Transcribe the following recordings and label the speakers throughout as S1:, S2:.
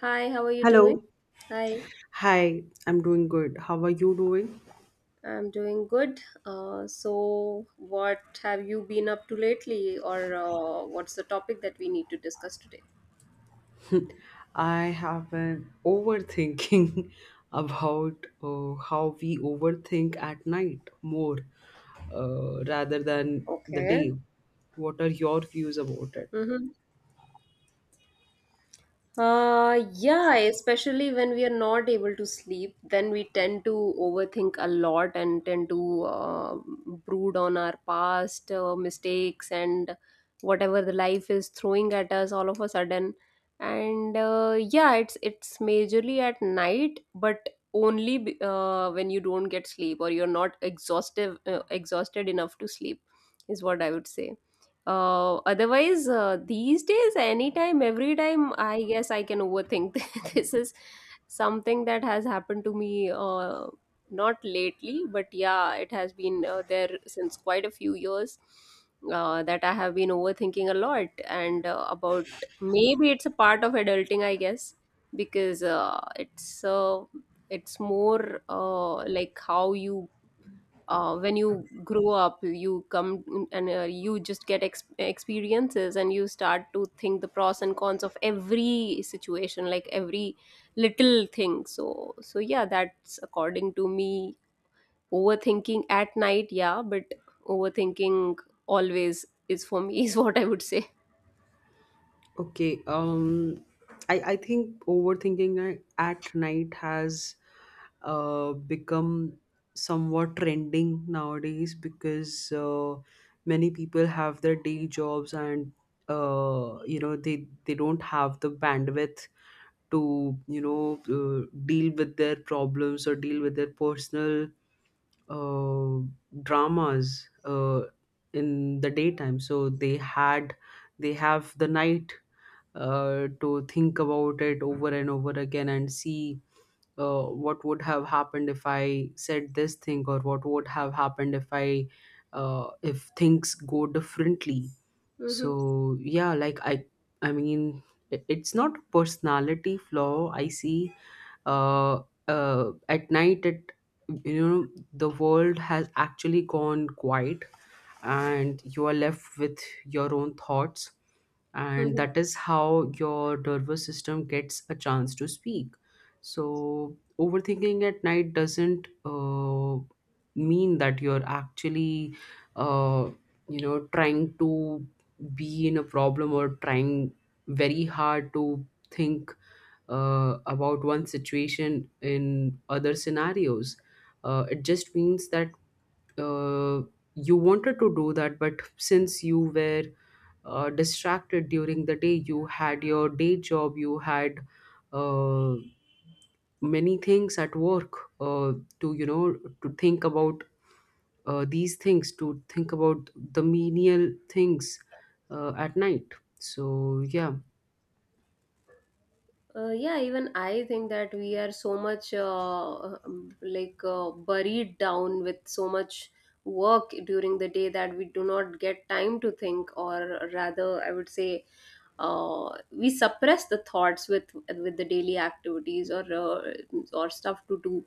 S1: Hi, how are you doing?
S2: Hello.
S1: Hi,
S2: Hi, I'm doing good. How are you doing?
S1: I'm doing good. So, what have you been up to lately, or what's the topic that we need to discuss today?
S2: I have been overthinking about how we overthink at night more, rather than the day.
S1: Okay.
S2: What are your views about it?
S1: Mm-hmm. Yeah, especially when we are not able to sleep, then we tend to overthink a lot and tend to brood on our past mistakes and whatever the life is throwing at us all of a sudden. And yeah, it's majorly at night, but only when you don't get sleep or you're not exhaustive exhausted enough to sleep is what I would say. Otherwise, these days, anytime, every time, I guess I can overthink. This is something that has happened to me, not lately, but yeah, it has been there since quite a few years that I have been overthinking a lot. And about maybe it's a part of adulting, I guess, because it's more like how you when you grow up you come and you just get experiences and you start to think the pros and cons of every situation, like every little thing. So yeah, that's, according to me, overthinking at night. Yeah, but overthinking always is for me, is what I would say.
S2: Okay. I think overthinking at night has become somewhat trending nowadays because uh, many people have their day jobs and uh you know they they don't have the bandwidth to you know uh, deal with their problems or deal with their personal uh, dramas in the daytime so they have the night to think about it over and over again and see what would have happened if I said this thing or what would have happened if I, if things go differently.
S1: Hmm.
S2: So yeah, like I mean it's not a personality flaw I see. uh, at night, it you know, the world has actually gone quiet and you are left with your own thoughts, and that is how your nervous system gets a chance to speak. So overthinking at night doesn't, mean that you're actually, uh, you know, trying to be in a problem or trying very hard to think about one situation in other scenarios. It just means that, uh, you wanted to do that, but since you were distracted during the day, you had your day job, you had uh, many things at work uh, to, you know, to think about these things, to think about the menial things at night. So yeah.
S1: Yeah, even I think that we are so much like buried down with so much work during the day that we do not get time to think, or rather, I would say, we suppress the thoughts with the daily activities or stuff to do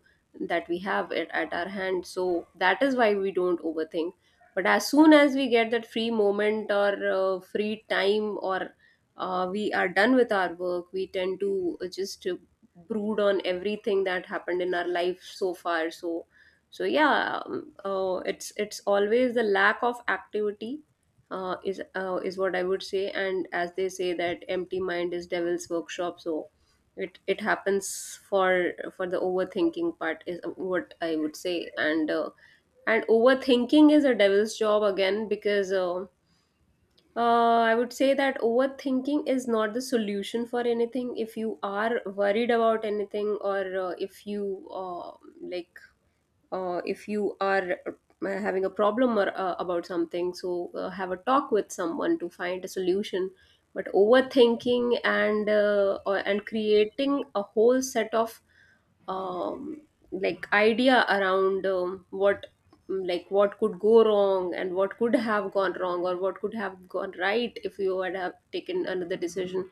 S1: that we have at our hand. So that is why we don't overthink. But as soon as we get that free moment or free time or we are done with our work, we tend to just brood on everything that happened in our life so far. So yeah, it's always the lack of activity, is what I would say. And as they say that empty mind is devil's workshop, so it happens for the overthinking part, is what I would say. And overthinking is a devil's job again, because I would say that overthinking is not the solution for anything. If you are worried about anything, or if you like, if you are having a problem or about something, so have a talk with someone to find a solution. But overthinking and creating a whole set of um, like idea around what, like what could go wrong and what could have gone wrong or what could have gone right if you would have taken another decision,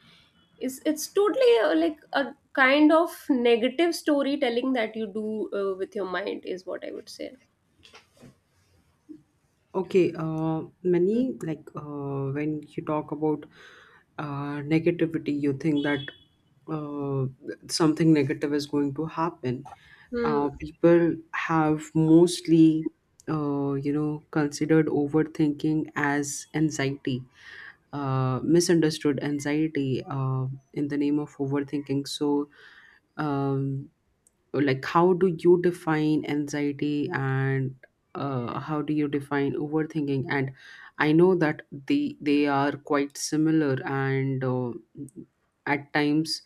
S1: is, it's totally like a kind of negative storytelling that you do with your mind, is what I would say.
S2: Okay, many, like, when you talk about negativity, you think that uh, something negative is going to happen.
S1: Hmm.
S2: People have mostly, you know, considered overthinking as anxiety, misunderstood anxiety in the name of overthinking. So, um, like, how do you define anxiety and how do you define overthinking? And I know that they are quite similar and, at times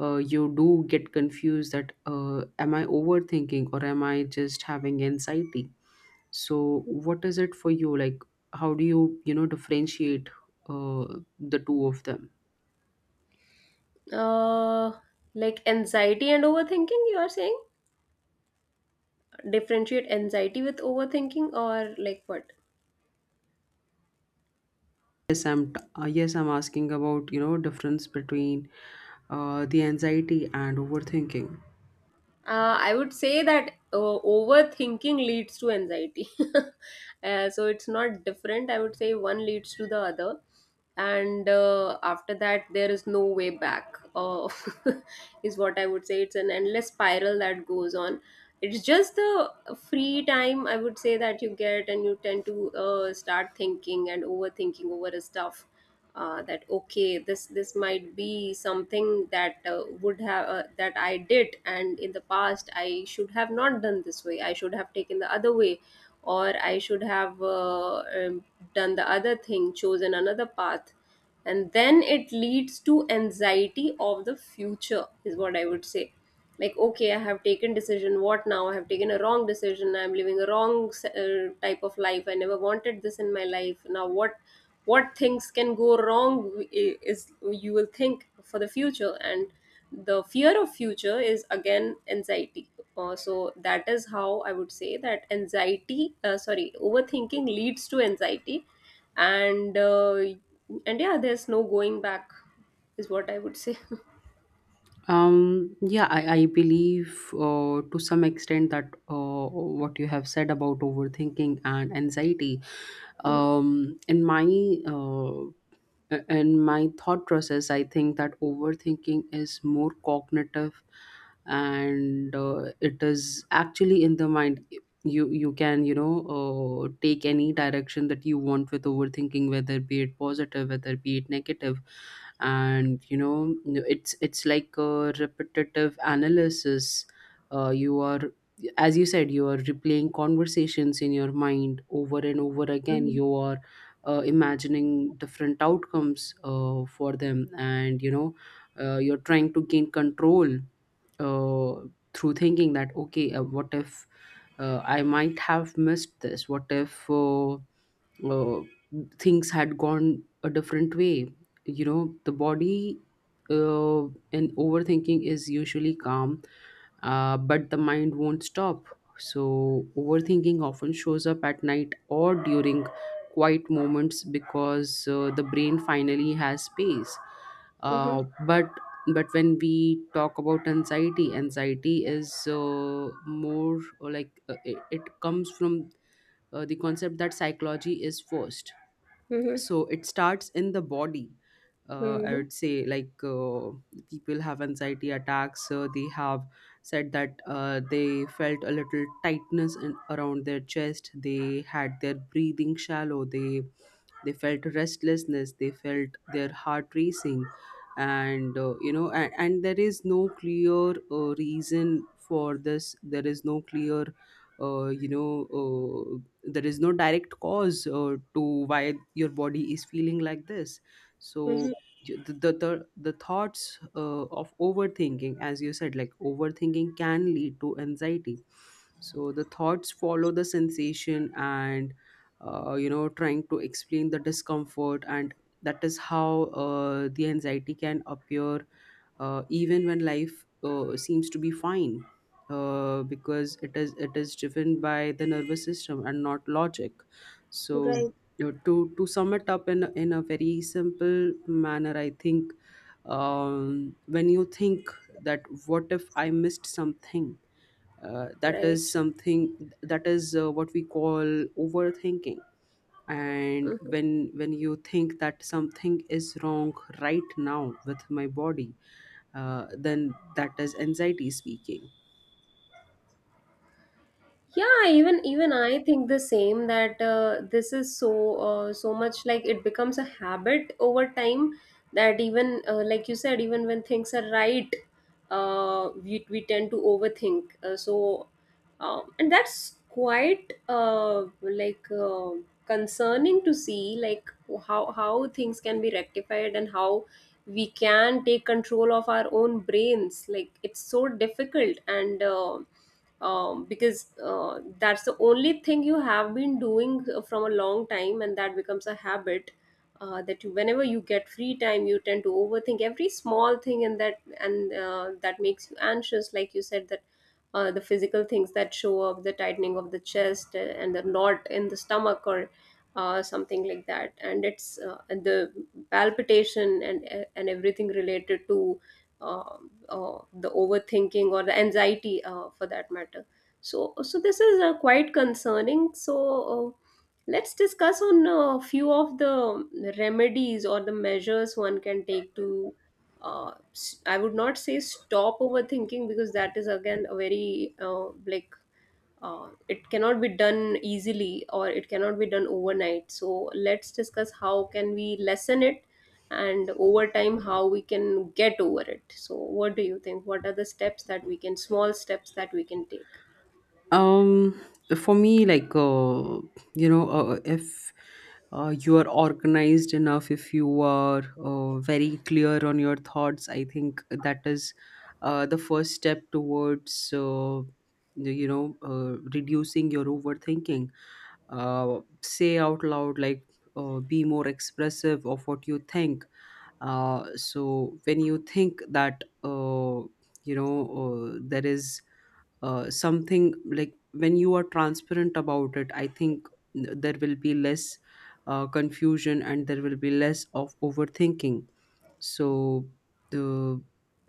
S2: you do get confused that, am I overthinking or am I just having anxiety? So what is it for you? Like, how do you, you know, differentiate uh, the two of them?
S1: uh, like anxiety and overthinking, you are saying? Differentiate anxiety with overthinking or like what?
S2: Yes, I'm asking about, you know, difference between, the anxiety and overthinking.
S1: I would say that overthinking leads to anxiety. So it's not different. I would say one leads to the other. And after that, there is no way back, is what I would say. It's an endless spiral that goes on. It's just the free time, I would say, that you get, and you tend to start thinking and overthinking over stuff, that okay, this might be something that would have that I did, and in the past I should have not done this way, I should have taken the other way, or I should have done the other thing, chosen another path, and then it leads to anxiety of the future, is what I would say. Like, okay, I have taken decision, what now, I have taken a wrong decision, I'm living a wrong type of life, I never wanted this in my life, now what things can go wrong, is, you will think for the future, and the fear of future is again anxiety. So that is how I would say that anxiety, sorry, overthinking leads to anxiety. And uh, and yeah, there's no going back, is what I would say.
S2: Yeah, I believe, to some extent that, what you have said about overthinking and anxiety, um, in my uh, in my thought process, I think that overthinking is more cognitive, and it is actually in the mind. You can, you know, take any direction that you want with overthinking, whether be it positive, whether be it negative, and you know, it's like a repetitive analysis. You are, as you said, you are replaying conversations in your mind over and over again.
S1: Mhm,
S2: You are imagining different outcomes for them, and you know, you're trying to gain control uh, through thinking that okay, what if, I might have missed this? What if, uh, things had gone a different way? You know, the body uh, and overthinking is usually calm, but the mind won't stop. So, overthinking often shows up at night or during quiet moments because the brain finally has space.
S1: mhm,
S2: Uh, but but when we talk about anxiety, anxiety is more, like, it comes from the concept that psychology is first.
S1: mhm,
S2: So it starts in the body. I
S1: mhm,
S2: would say, like, people have anxiety attacks. They have said that, they felt a little tightness in, around their chest. They had their breathing shallow. They felt restlessness, they felt their heart racing, and, you know, and there is no clear reason for this. There is no clear, you know, there is no direct cause to why your body is feeling like this, so
S1: mhm.
S2: you- the, the thoughts of overthinking, as you said, like overthinking can lead to anxiety. So the thoughts follow the sensation and, you know, trying to explain the discomfort. And that is how the anxiety can appear even when life seems to be fine. Because it is driven by the nervous system and not logic. So, you know, to sum it up in in a very simple manner, I think, when you think that what if I missed something, that is
S1: Right.
S2: something that is what we call overthinking. And
S1: Mhm.
S2: when you think that something is wrong right now with my body, then that is anxiety speaking.
S1: Yeah, even I think the same, that this is so so much like, it becomes a habit over time, that even, like you said, even when things are right, we tend to overthink. So, and that's quite like, concerning to see, like, how things can be rectified and how we can take control of our own brains. Like, it's so difficult. And because that's the only thing you have been doing from a long time, and that becomes a habit, that you, whenever you get free time, you tend to overthink every small thing, and that makes you anxious, like you said, that the physical things that show up, the tightening of the chest, and the knot in the stomach, or something like that, and the palpitation, and everything related to uh, the overthinking or the anxiety, for that matter. So this is quite concerning. So, uh, let's discuss on a few of the remedies or the measures one can take to I would not say stop overthinking, because that is again a very it cannot be done easily or it cannot be done overnight. So let's discuss how can we lessen it, and over time how we can get over it. So what do you think, what are the steps that we can, small steps that we can take?
S2: um for me, like, you know, if, you are organized enough, if you are, very clear on your thoughts, I think that is the first step towards you know, reducing your overthinking. Say out loud, like, be more expressive of what you think. So when you think that, you know, there is, something, like when you are transparent about it, I think there will be less confusion and there will be less of overthinking. So, the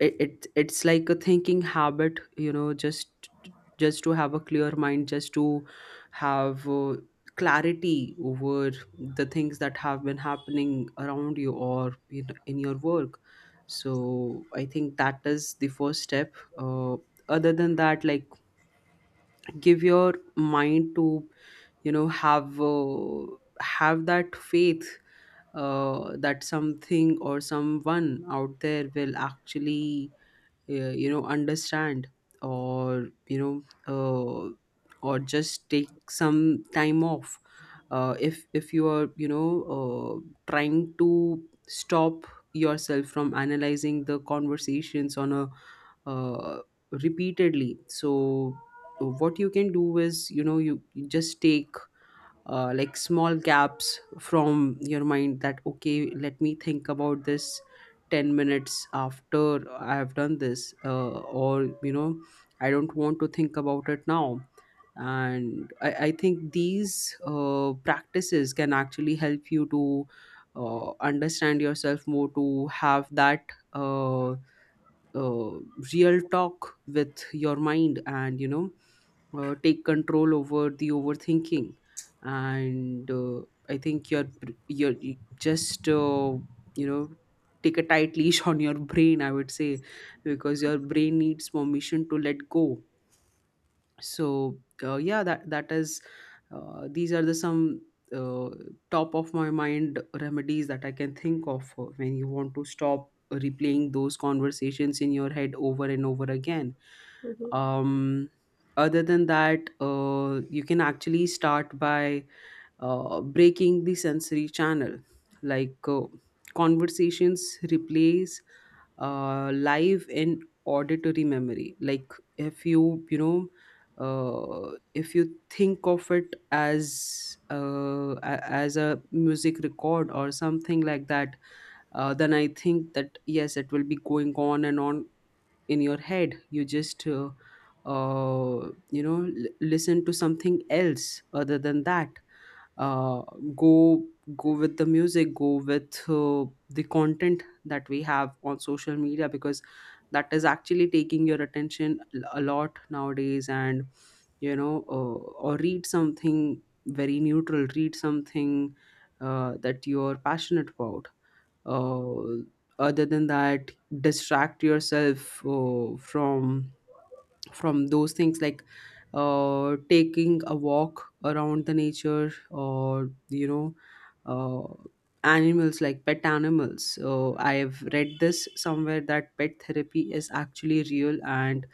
S2: it's like a thinking habit, you know, just to have a clear mind, just to have, clarity over the things that have been happening around you or in your work. So I think that is the first step. uh, Other than that, like, give your mind to, you know, have, have that faith, that something or someone out there will actually, you know, understand, or, you know, uh, or just take some time off, if you are, you know, uh, trying to stop yourself from analyzing the conversations on a, uh, repeatedly. So what you can do is, you know, you just take, like small gaps from your mind, that okay, let me think about this 10 minutes after I have done this, or, you know, I don't want to think about it now. And I think these practices can actually help you to understand yourself more, to have that uh, uh, real talk with your mind, and, you know, take control over the overthinking. And, I think your, you just, you know, take a tight leash on your brain, I would say, because your brain needs permission to let go. So, yeah, that is, these are the some, uh, top of my mind remedies that I can think of when you want to stop replaying those conversations in your head over and over again.
S1: Mhm.
S2: um Other than that, you can actually start by breaking the sensory channel. Like, conversations replace live and auditory memory. Like, if you, you know, if you think of it as as a music record or something like that, then I think that yes, it will be going on and on in your head. You just, you know, listen to something else other than that. uh, go Go with the music, go with the content that we have on social media, because that is actually taking your attention a lot nowadays. And you know, or read something very neutral, read something that you're passionate about. uh, Other than that, distract yourself from those things, like, taking a walk around the nature, or, you know, uh, animals, like pet animals. I have read this somewhere, that pet therapy is actually real, and,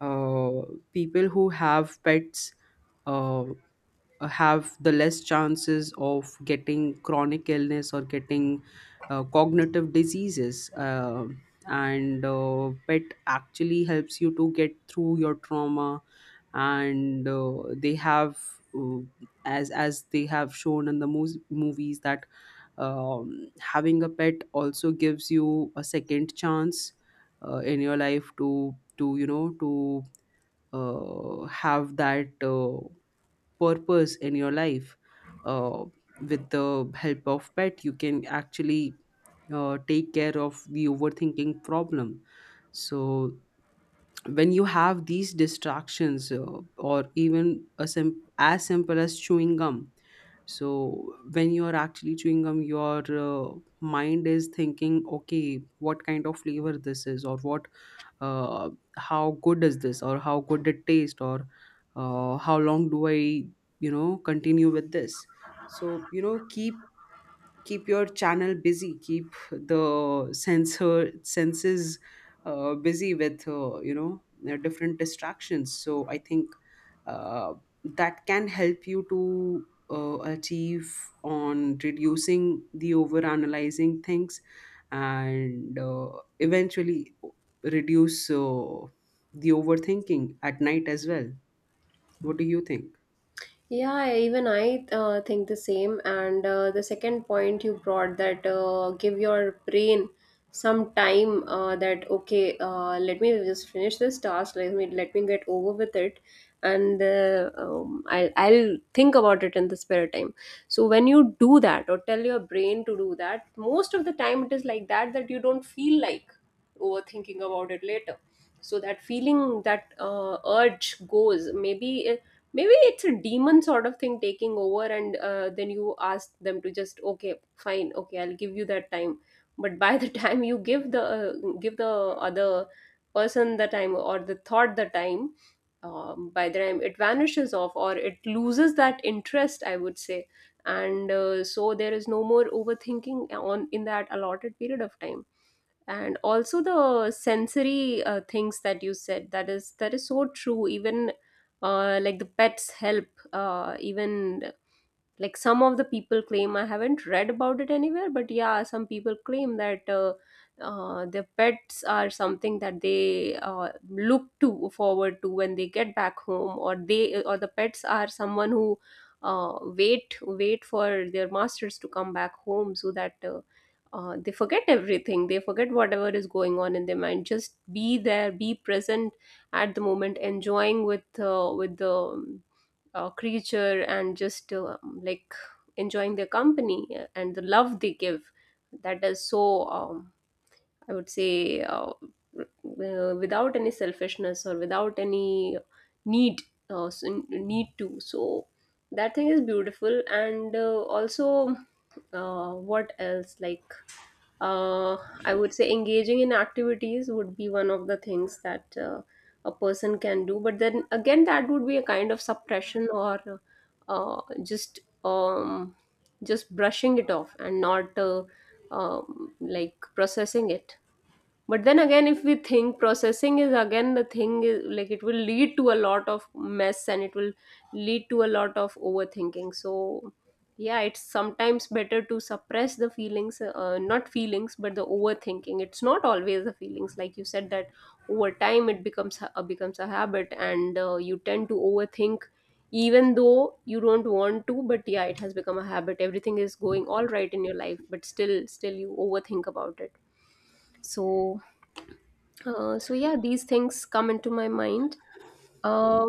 S2: uh, people who have pets, uh have the less chances of getting chronic illness or getting cognitive diseases. And Pet actually helps you to get through your trauma, and, they have, uh, as they have shown in the movies, that having a pet also gives you a second chance in your life to you know, to, have that. Purpose in your life, uh, with the help of pet, you can actually, take care of the overthinking problem. So, when you have these distractions, or even a as simple as chewing gum. So when you are actually chewing gum, your, mind is thinking, okay, what kind of flavor this is, or what, uh, how good is this, or how good it taste, or, how long do I, you know, continue with this. So, you know, keep your channel busy, keep the sensor senses, busy with, you know, different distractions. So I think, uh, that can help you to, achieve on reducing the over analyzing things, and, eventually reduce, the overthinking at night as well. What do you think?
S1: Yeah, even I think the same. And the second point you brought, that give your brain some time, that okay, let me just finish this task. Let me get over with it, and I'll think about it in the spare time. So when you do that, or tell your brain to do that, most of the time it is like that, that you don't feel like overthinking about it later. So that feeling, that urge goes, maybe maybe it's a demon sort of thing taking over, and then you ask them to just okay fine, okay I'll give you that time. But by the time you give the other person the time, or the thought the time, by the time it vanishes off, or it loses that interest, I would say. And so there is no more overthinking on, in that allotted period of time. And also the sensory things that you said, that is, that is so true. Even, like, the pets help, even like some of the people claim, I haven't read about it anywhere, but yeah, some people claim that their pets are something that they look to forward to when they get back home, or they, or the pets are someone who wait for their masters to come back home, so that they forget everything, they forget whatever is going on in their mind, just be there, be present at the moment, enjoying with the creature, and just like, enjoying their company, and the love they give. That is so, I would say, without any selfishness or without any need, need to. So that thing is beautiful. And also, what else, like, uh, I would say engaging in activities would be one of the things that a person can do. But then again, that would be a kind of suppression, or uh, just um, just brushing it off and not like, processing it. But then again, if we think processing is again the thing, is, like, it will lead to a lot of mess, and it will lead to a lot of overthinking. So, yeah, it's sometimes better to suppress the feelings, not feelings, but the overthinking. It's not always the feelings, like you said, that over time it becomes becomes a habit, and you tend to overthink even though you don't want to. But yeah, it has become a habit, everything is going all right in your life, but still you overthink about it. So uh, so yeah, these things come into my mind. Uh,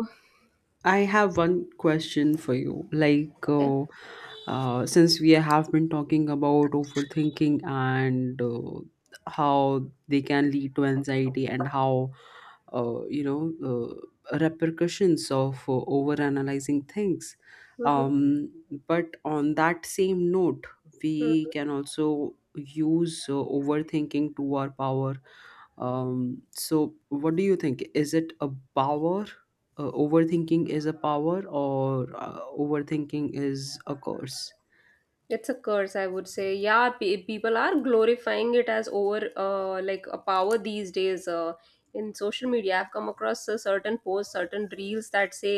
S2: I have one question for you.
S1: okay.
S2: Since we have been talking about overthinking and how they can lead to anxiety and how repercussions of overanalyzing things.
S1: Hmm.
S2: Um, but on that same note, we can also use overthinking to our power so, what do you think? Is it a power? Overthinking is a power, or overthinking is a curse?
S1: It's a curse, I would say. Yeah, people are glorifying it as like a power these days. In social media, I've come across a certain posts, certain reels that say,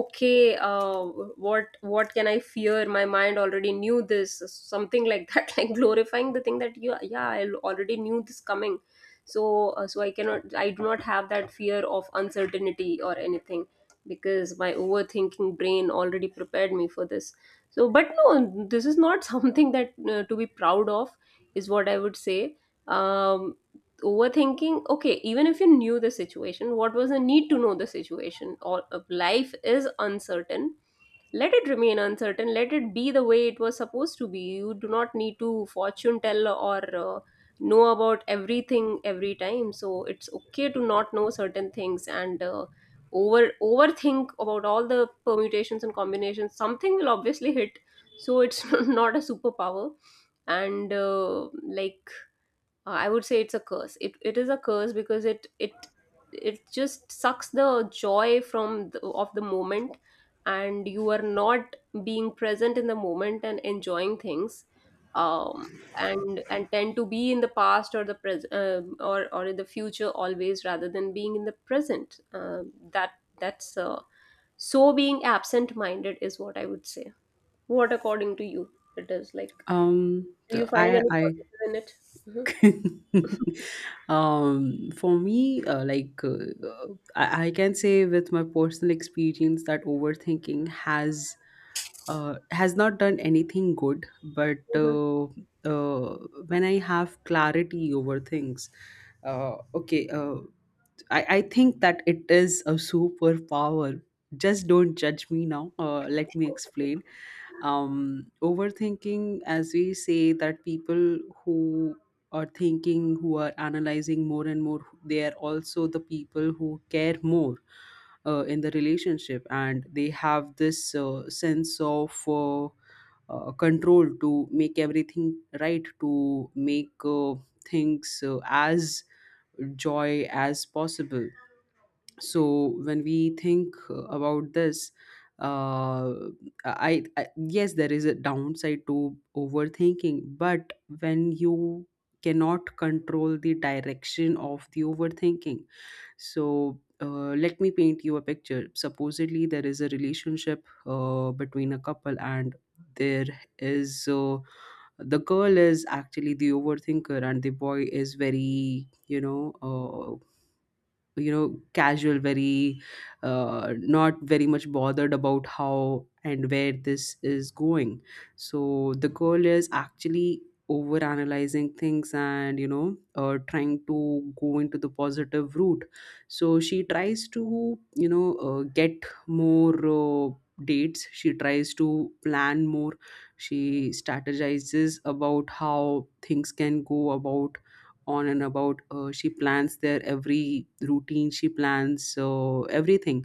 S1: "Okay, what can I fear? My mind already knew this. Something like that, like glorifying the thing that you, yeah, I already knew this coming. So, so I cannot, I do not have that fear of uncertainty or anything because my overthinking brain already prepared me for this. So but no, this is not something that to be proud of is what I would say. um Overthinking, okay, even if you knew the situation, what was the need to know the situation? Or life is uncertain. Let it remain uncertain, let it be the way it was supposed to be. You do not need to fortune tell, or know about everything every time. So it's okay to not know certain things, and overthink about all the permutations and combinations. Something will obviously hit. So it's not a superpower. And I would say it's a curse. It is a curse because it just sucks the joy from of the moment. And you are not being present in the moment and enjoying things, and tend to be in the past or the pres or in the future, always, rather than being in the present. That that's So being absent minded is what I would say. What according to you? It is like,
S2: Um,
S1: do you
S2: the-
S1: find
S2: I,
S1: any
S2: I,
S1: positive in it? Mhm.
S2: for me, I can say with my personal experience that overthinking has not done anything good, but
S1: Mhm.
S2: uh, uh, when I have clarity over things, okay. I think that it is a superpower. Just don't judge me now. Let me explain. Overthinking, as we say, that people who are thinking, who are analyzing more and more, they are also the people who care more in the relationship and they have this uh, sense of control to make everything right, to make things as joy as possible. So when we think about this, uh, I yes, there is a downside to overthinking, but when you cannot control the direction of the overthinking. So let me paint you a picture. Supposedly there is a relationship between a couple, and there is uh, the girl is actually the overthinker and the boy is very you know, casual, very not very much bothered about how and where this is going. So the girl is actually over analyzing things, and trying to go into the positive route. So she tries to get more dates, she tries to plan more, she strategizes about how things can go about on and about. She plans their every routine, she plans everything.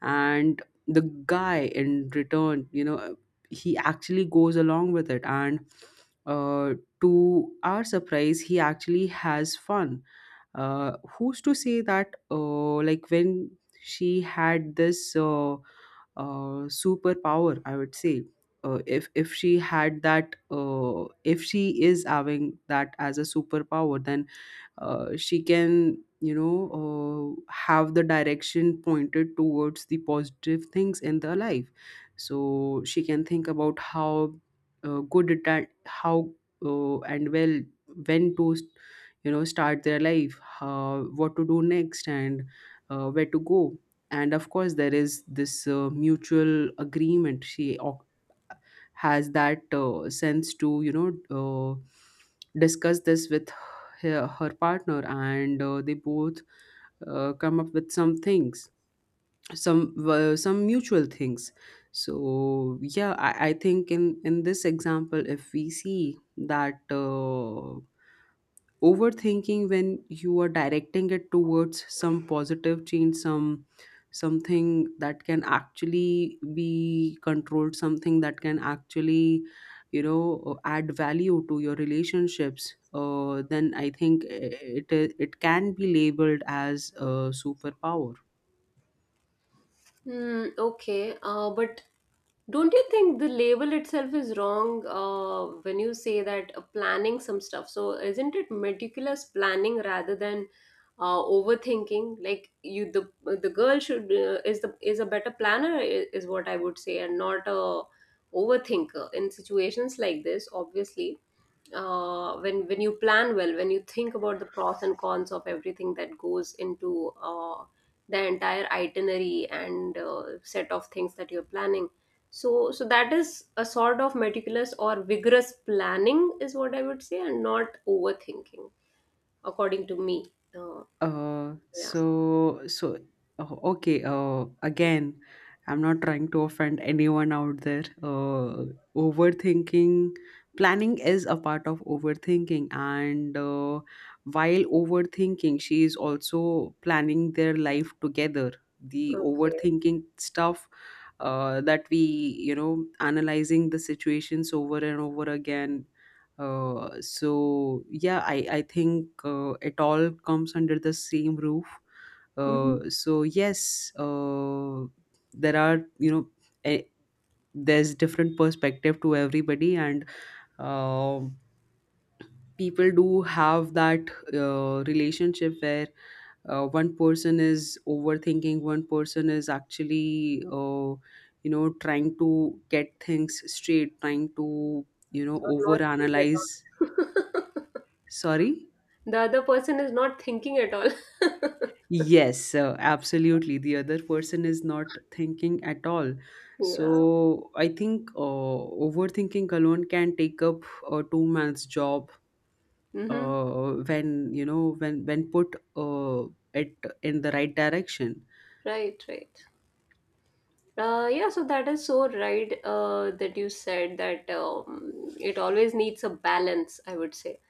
S2: And the guy in return, you know, he actually goes along with it, and uh, to our surprise he actually has fun. uh, Who's to say that like when she had this superpower, I would say, if she had that, if she is having that as a superpower, then she can have the direction pointed towards the positive things in their life. So she can think about how good it, at how and well when to, you know, start their life, how, what to do next, and where to go. And of course there is this mutual agreement. Has that sense to, discuss this with her partner, and they both come up with some things, some mutual things. So yeah, I think in this example, if we see that overthinking, when you are directing it towards some positive change, some something that can actually be controlled, something that can actually, you know, add value to your relationships, then I think it can be labeled as a superpower.
S1: Hmm, okay, but don't you think the label itself is wrong when you say that planning some stuff? So isn't it meticulous planning rather than overthinking? Like you, the girl should is the is a better planner is what I would say, and not a overthinker in situations like this. Obviously, when you plan well, when you think about the pros and cons of everything that goes into the entire itinerary and set of things that you're planning, so that is a sort of meticulous or vigorous planning, is what I would say, and not overthinking, according to me. Uh,
S2: Uh,
S1: yeah.
S2: so so oh, okay. Again, I'm not trying to offend anyone out there. Overthinking, planning is a part of overthinking, and while overthinking, she is also planning their life together. The
S1: Okay.
S2: overthinking stuff, that we, you know, analyzing the situations over and over again. So yeah, I think it all comes under the same roof.
S1: Mhm.
S2: So yes, there are a, there's different perspective to everybody, and um people do have that relationship where one person is overthinking, one person is actually, you know, trying to get things straight, trying to, you know,
S1: Or not thinking at
S2: overanalyze.
S1: all.
S2: Sorry.
S1: The other person is not thinking at all.
S2: Yes, absolutely, the other person is not thinking at all. So
S1: Yeah.
S2: I think overthinking alone can take up a 2 months job
S1: Mm-hmm.
S2: when you know, when put it in the right direction.
S1: Right. Right. Yeah, so that is so right that you said that it always needs a balance, I would say.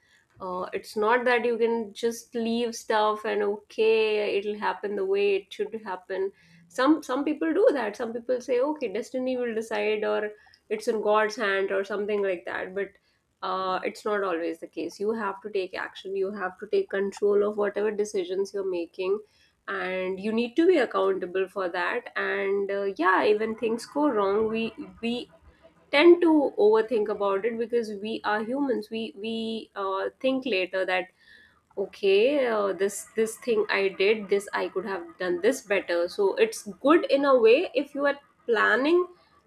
S1: It's not that you can just leave stuff and okay, it'll happen the way it should happen. Some people do that. Some people say, okay, destiny will decide, or it's in God's hand, or something like that. But it's not always the case. You have to take action. You have to take control of whatever decisions you're making, and you need to be accountable for that. And yeah, even things go wrong, we tend to overthink about it because we are humans. We think later that okay, this thing I did, this I could have done this better. So it's good in a way if you are planning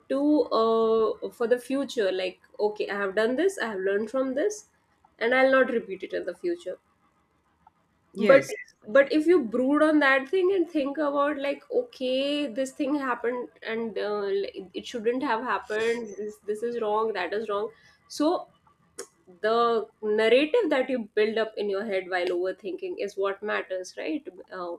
S1: to, for the future, like okay, I have done this, I have learned from this, and I'll not repeat it in the future. But
S2: Yes.
S1: if you brood on that thing and think about like okay, this thing happened, and like, it shouldn't have happened, this is wrong, that is wrong, so the narrative that you build up in your head while overthinking is what matters, right?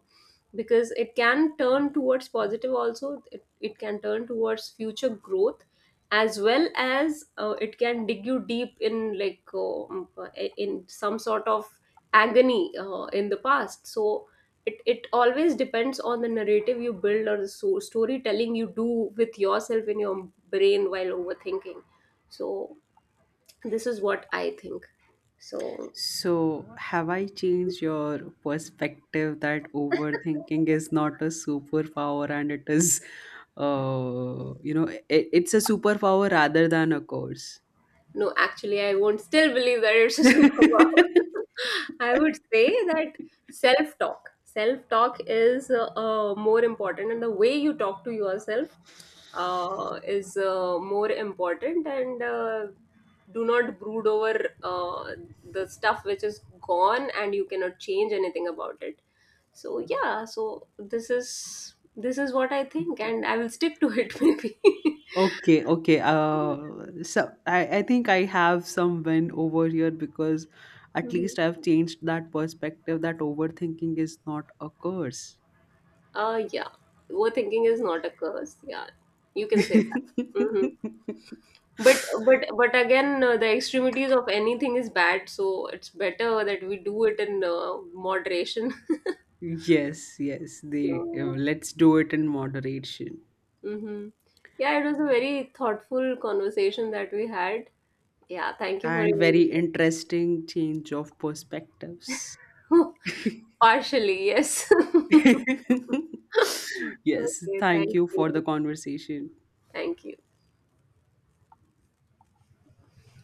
S1: Because it can turn towards positive also, it can turn towards future growth, as well as it can dig you deep in, like, in some sort of agony in the past. So it always depends on the narrative you build, or the storytelling you do with yourself in your brain while overthinking. So this is what I think. So,
S2: So, have I changed your perspective that overthinking is not a superpower and it is, you know, it, it's a superpower rather than a curse?
S1: no, actually, I won't still believe that it's a superpower. I would say that self talk. Self talk is more important, and the way you talk to yourself is more important. And do not brood over the stuff which is gone and you cannot change anything about it. So, yeah, so this is. This is what I think, and I will stick to it maybe.
S2: Okay, okay. So I think I have some win over here because at
S1: Hmm.
S2: least I've changed that perspective that overthinking is not a curse.
S1: Yeah, overthinking is not a curse. Yeah, you can say that. Hmm. But but again, the extremities of anything is bad, so it's better that we do it in moderation.
S2: Yes, yes, they
S1: So,
S2: let's do it in moderation.
S1: hmm, yeah, it was a very thoughtful conversation that we had. Yeah, thank you for
S2: And very
S1: your
S2: interesting change of perspectives.
S1: partially, yes.
S2: Yes,
S1: Okay,
S2: thank
S1: thank
S2: you for the
S1: you.
S2: conversation.
S1: Thank you.